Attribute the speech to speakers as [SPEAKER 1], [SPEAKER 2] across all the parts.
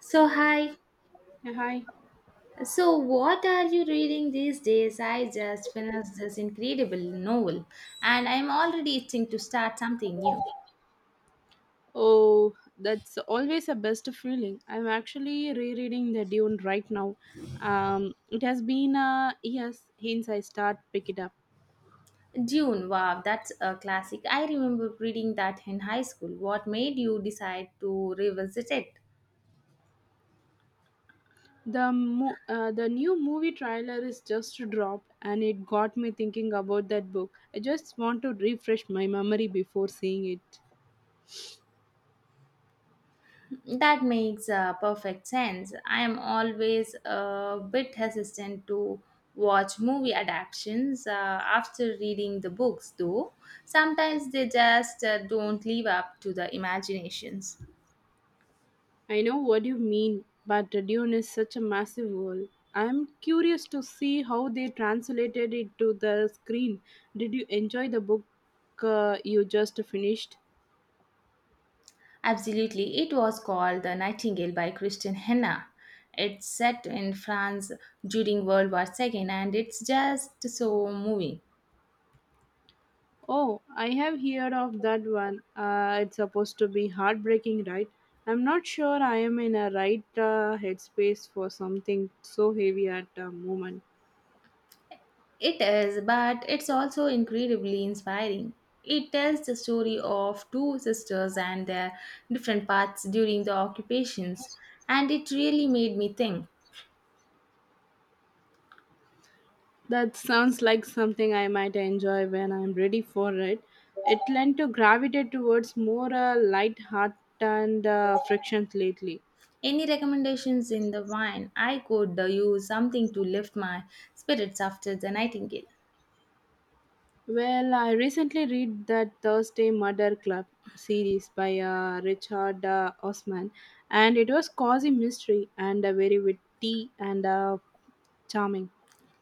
[SPEAKER 1] So, hi.
[SPEAKER 2] Yeah, hi.
[SPEAKER 1] So, what are you reading these days? I just finished this incredible novel and I'm already itching to start something new.
[SPEAKER 2] Oh, that's always a best feeling. I'm actually rereading the Dune right now. It has been years since I start pick it up.
[SPEAKER 1] Dune, wow, that's a classic. I remember reading that in high school. What made you decide to revisit it?
[SPEAKER 2] The new movie trailer is just dropped, and it got me thinking about that book. I just want to refresh my memory before seeing it.
[SPEAKER 1] That makes perfect sense. I am always a bit hesitant to watch movie adaptations after reading the books, though. Sometimes they just don't live up to the imaginations.
[SPEAKER 2] I know what you mean, but Dune is such a massive world. I'm curious to see how they translated it to the screen. Did you enjoy the book you just finished?
[SPEAKER 1] Absolutely, it was called The Nightingale by Christian Henna. It's set in France during World War II, and it's just so moving.
[SPEAKER 2] Oh, I have heard of that one. It's supposed to be heartbreaking, right? I'm not sure I am in a right headspace for something so heavy at the moment.
[SPEAKER 1] It is, but it's also incredibly inspiring. It tells the story of two sisters and their different paths during the occupations, and it really made me think.
[SPEAKER 2] That sounds like something I might enjoy when I'm ready for it. It tend to gravitate towards more light-hearted and frictions lately.
[SPEAKER 1] Any recommendations in the wine? I could use something to lift my spirits after the nightingale.
[SPEAKER 2] Well, I recently read that Thursday Murder Club series by Richard Osman, and it was cozy mystery and very witty and charming.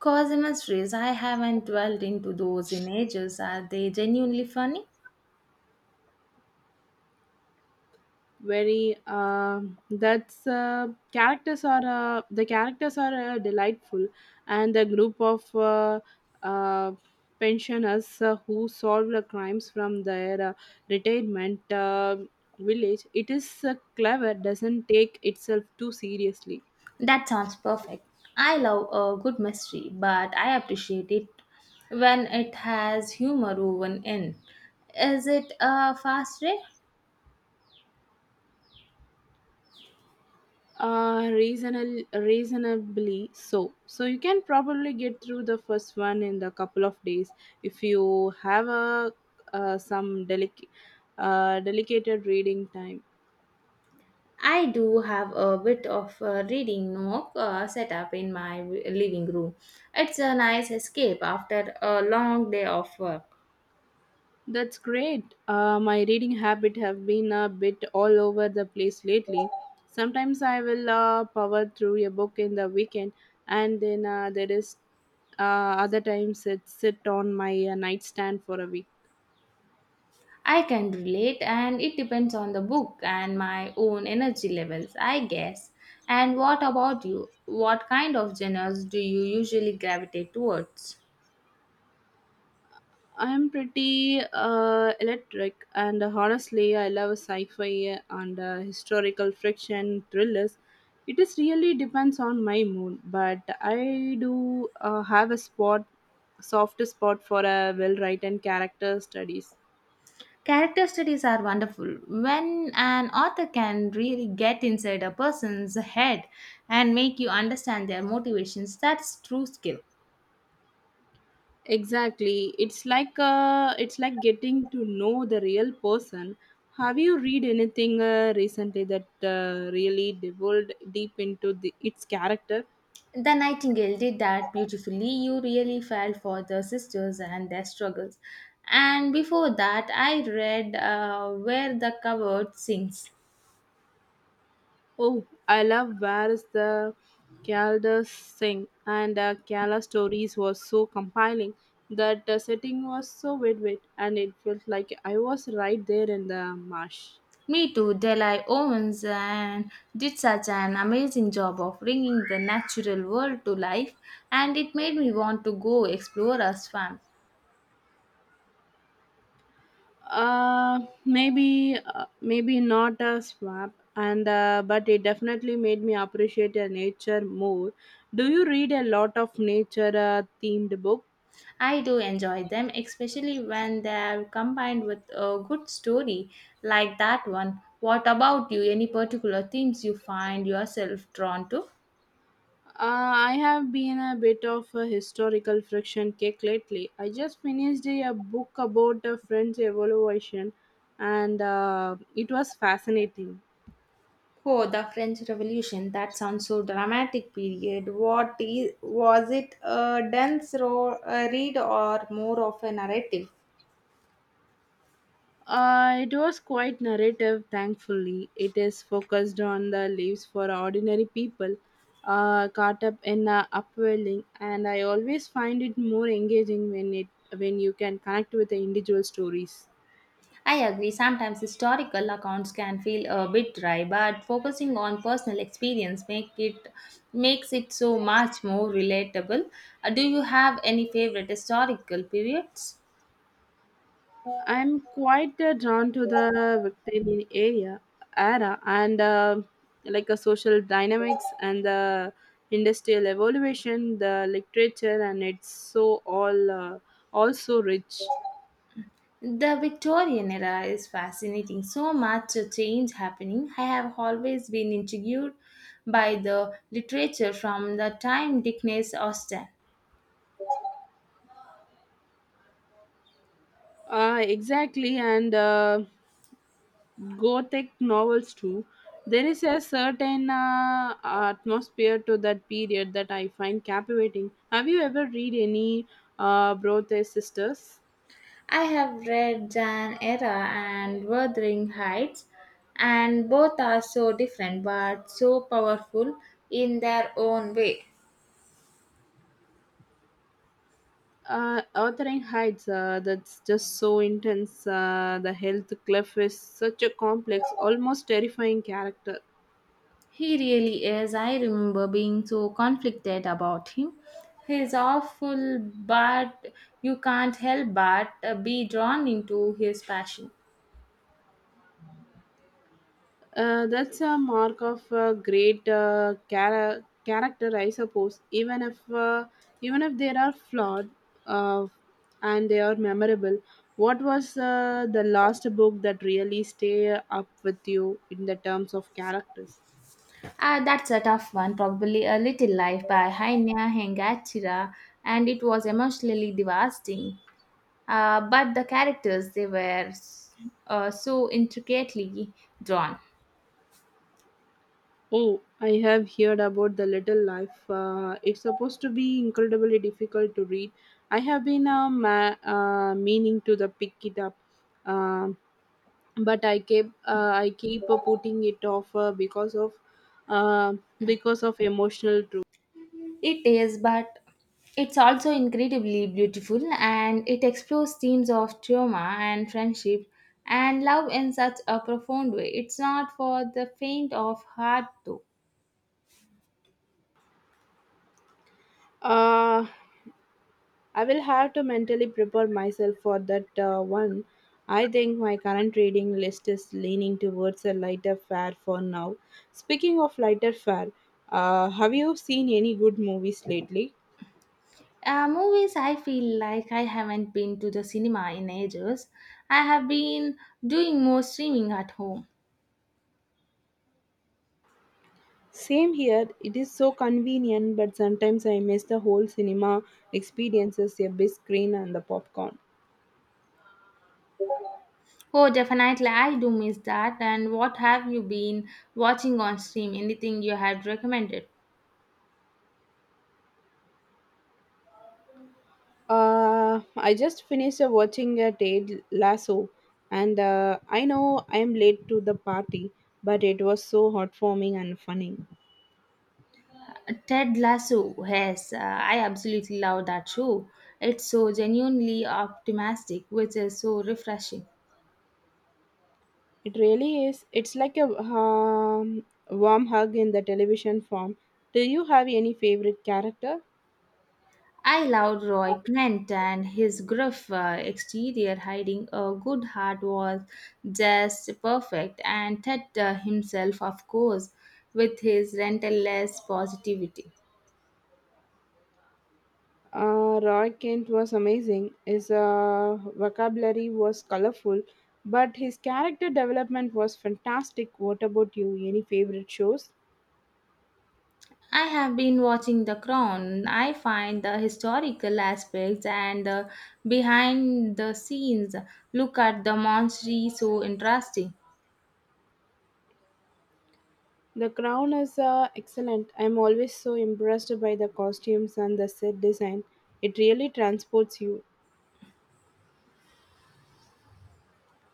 [SPEAKER 1] Cause mysteries, I haven't dwelled into those in ages. Are they genuinely funny?
[SPEAKER 2] Very that's characters are the characters are delightful, and the group of uh, pensioners who solve the crimes from their retirement village, it is clever, doesn't take itself too seriously.
[SPEAKER 1] That sounds perfect. I love a good mystery, but I appreciate it when it has humor woven in. Is it a fast read?
[SPEAKER 2] Reasonably so. So you can probably get through the first one in the couple of days if you have a some delicated reading time.
[SPEAKER 1] I do have a bit of a reading nook set up in my living room. It's a nice escape after a long day of work.
[SPEAKER 2] That's great. My reading habit have been a bit all over the place lately. Sometimes I will power through a book in the weekend, and then there is uh, other times it sit on my nightstand for a week.
[SPEAKER 1] I can relate, and it depends on the book and my own energy levels, I guess. And what about you? What kind of genres do you usually gravitate towards?
[SPEAKER 2] I'm pretty electric, and honestly, I love sci-fi and historical fiction thrillers. It is really depends on my mood, but I do soft spot for a well-written character studies.
[SPEAKER 1] Character studies are wonderful. When an author can really get inside a person's head and make you understand their motivations, that's true skill.
[SPEAKER 2] Exactly, it's like getting to know the real person. Have you read anything recently that really delved deep into the, its character?
[SPEAKER 1] The Nightingale did that beautifully. You really felt for the sisters and their struggles. And before that, I read Where the Coward Sings.
[SPEAKER 2] Oh, I love Where's the Caldas Sing, and the Kala stories was so compelling that the setting was so vivid and it felt like I was right there in the marsh.
[SPEAKER 1] Me too, Delhi Owens and did such an amazing job of bringing the natural world to life, and it made me want to go explore a swamp.
[SPEAKER 2] Maybe not a swap, and but it definitely made me appreciate nature more. Do you read a lot of nature themed books?
[SPEAKER 1] I do enjoy them, especially when they're combined with a good story like that one. What about you? Any particular themes you find yourself drawn to?
[SPEAKER 2] I have been a bit of a historical friction kick lately. I just finished a book about the French Revolution, and it was fascinating.
[SPEAKER 1] Oh, the French Revolution. That sounds so dramatic. Period. What is was it? A dense read or more of a narrative?
[SPEAKER 2] It was quite narrative, thankfully. It is focused on the lives for ordinary people caught up in upwelling, and I always find it more engaging when you can connect with the individual stories.
[SPEAKER 1] I agree, sometimes historical accounts can feel a bit dry, but focusing on personal experience makes it so much more relatable. Do you have any favorite historical periods?
[SPEAKER 2] I'm quite drawn to the Victorian area era, and like a social dynamics and the industrial evaluation, the literature, and it's so all also rich.
[SPEAKER 1] The Victorian era is fascinating. So much change happening. I have always been intrigued by the literature from the time Dickens Austen.
[SPEAKER 2] Exactly, and Gothic novels too. There is a certain atmosphere to that period that I find captivating. Have you ever read any Bronte sisters?
[SPEAKER 1] I have read Jan Era and Wuthering Heights, and both are so different but so powerful in their own way.
[SPEAKER 2] Authoring Heights, that's just so intense, the health cliff is such a complex, almost terrifying character.
[SPEAKER 1] He really is. I remember being so conflicted about him. He's awful, but you can't help but be drawn into his passion.
[SPEAKER 2] That's a mark of a great character, I suppose. Even if they are flawed, uh, and they are memorable. What was the last book that really stay up with you in the terms of characters?
[SPEAKER 1] Ah, that's a tough one. Probably A Little Life by Hainia Hengatira, and it was emotionally devastating. But the characters they were s- so intricately drawn.
[SPEAKER 2] Oh, I have heard about The Little Life. It's supposed to be incredibly difficult to read. I have been meaning to the pick it up. Um but I keep putting it off uh, because of emotional truth.
[SPEAKER 1] It is, but it's also incredibly beautiful and it explores themes of trauma and friendship and love in such a profound way. It's not for the faint of heart, though.
[SPEAKER 2] Uh, I will have to mentally prepare myself for that one. I think my current reading list is leaning towards a lighter fare for now. Speaking of lighter fare, have you seen any good movies lately?
[SPEAKER 1] Movies, I feel like I haven't been to the cinema in ages. I have been doing more streaming at home.
[SPEAKER 2] Same here, it is so convenient, but sometimes I miss the whole cinema experiences, a big screen and the popcorn.
[SPEAKER 1] Oh, definitely, I do miss that. And what have you been watching on stream? Anything you had recommended?
[SPEAKER 2] I just finished watching a Ted Lasso, and I know I am late to the party, but it was so heartwarming and funny.
[SPEAKER 1] Ted Lasso, yes, I absolutely love that show. It's so genuinely optimistic, which is so refreshing.
[SPEAKER 2] It really is. It's like a warm hug in the television form. Do you have any favorite character?
[SPEAKER 1] I loved Roy Kent, and his gruff exterior hiding a good heart was just perfect, and Ted himself, of course, with his relentless positivity.
[SPEAKER 2] Roy Kent was amazing. His vocabulary was colorful, but his character development was fantastic. What about you? Any favorite shows?
[SPEAKER 1] I have been watching The Crown. I find the historical aspects and the behind the scenes look at the monstrosity so interesting.
[SPEAKER 2] The Crown is excellent. I'm always so impressed by the costumes and the set design. It really transports you.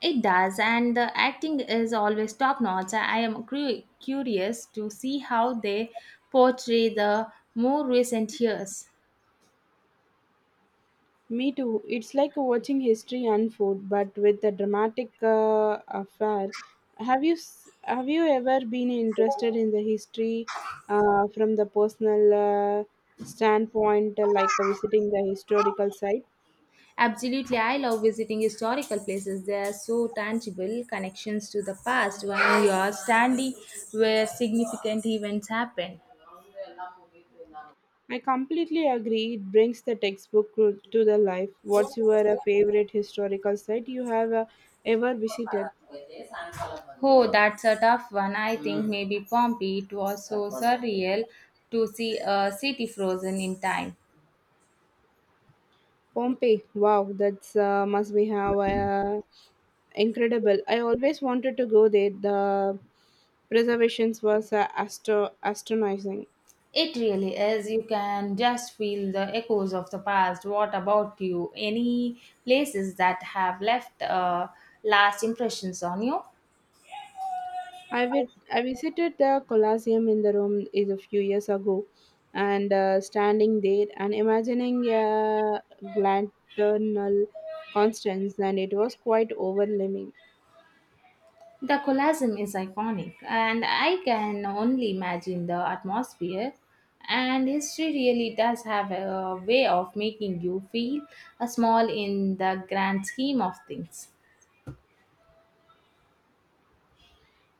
[SPEAKER 1] It does, and the acting is always top notch. I am curious to see how they portray the more recent years.
[SPEAKER 2] Me too. It's like watching history unfold, but with a dramatic affair. Have you ever been interested in the history from the personal standpoint, like visiting the historical site?
[SPEAKER 1] Absolutely, I love visiting historical places. They are so tangible connections to the past when you are standing where significant events happen.
[SPEAKER 2] I completely agree. It brings the textbook to the life. What's your favorite historical site you have ever visited?
[SPEAKER 1] Oh, that's a tough one. I think maybe Pompeii. It was so surreal to see a city frozen in time.
[SPEAKER 2] Pompeii. Wow, that's must be have incredible. I always wanted to go there. The preservations was astonishing.
[SPEAKER 1] It really is. You can just feel the echoes of the past. What about you? Any places that have left last impressions on you?
[SPEAKER 2] I visited the Colosseum in the Rome is a few years ago, and standing there and imagining a glaternal Constance, and it was quite overwhelming.
[SPEAKER 1] The Colosseum is iconic, and I can only imagine the atmosphere. And history really does have a way of making you feel a small in the grand scheme of things.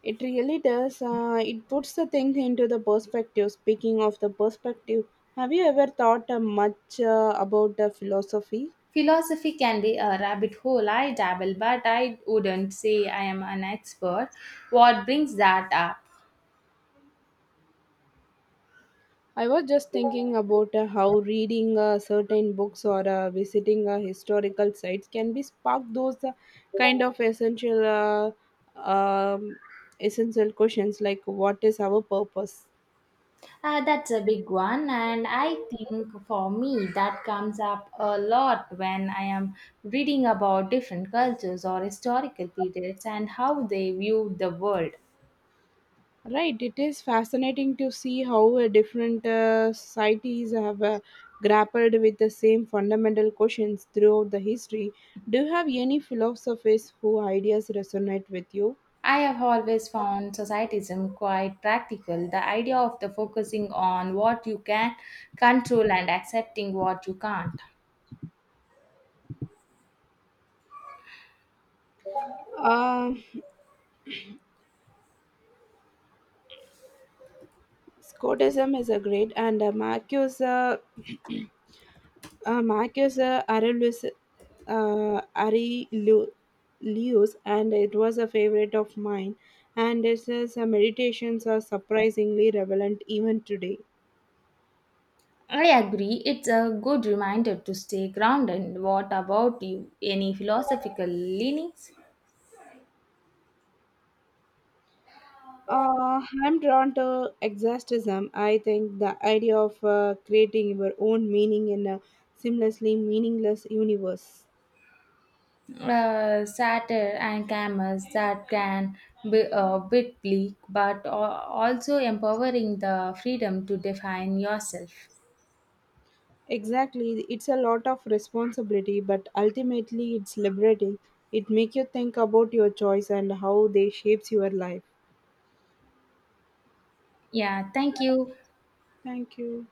[SPEAKER 2] It really does. It puts the thing into the perspective. Speaking of the perspective, have you ever thought much about the philosophy?
[SPEAKER 1] Philosophy can be a rabbit hole. I dabble, but I wouldn't say I am an expert. What brings that up?
[SPEAKER 2] I was just thinking about how reading certain books or visiting historical sites can be spark those kind of essential essential questions like what is our purpose.
[SPEAKER 1] That's a big one, and I think for me that comes up a lot when I am reading about different cultures or historical periods and how they viewed the world.
[SPEAKER 2] Right, it is fascinating to see how different societies have grappled with the same fundamental questions throughout the history. Do you have any philosophers whose ideas resonate with you?
[SPEAKER 1] I have always found societism quite practical. The idea of the focusing on what you can control and accepting what you can't.
[SPEAKER 2] Uh, Scotism is a great, and Marcus Marcus Aurelius Aurelius, and it was a favorite of mine. And his meditations are surprisingly relevant even today.
[SPEAKER 1] I agree. It's a good reminder to stay grounded. What about you? Any philosophical leanings?
[SPEAKER 2] I'm drawn to exhaustism. I think the idea of creating your own meaning in a seamlessly meaningless universe.
[SPEAKER 1] Satire and cameras that can be a bit bleak, but also empowering the freedom to define yourself.
[SPEAKER 2] Exactly, it's a lot of responsibility, but ultimately it's liberating. It makes you think about your choice and how they shapes your life.
[SPEAKER 1] Yeah, thank you.
[SPEAKER 2] Thank you.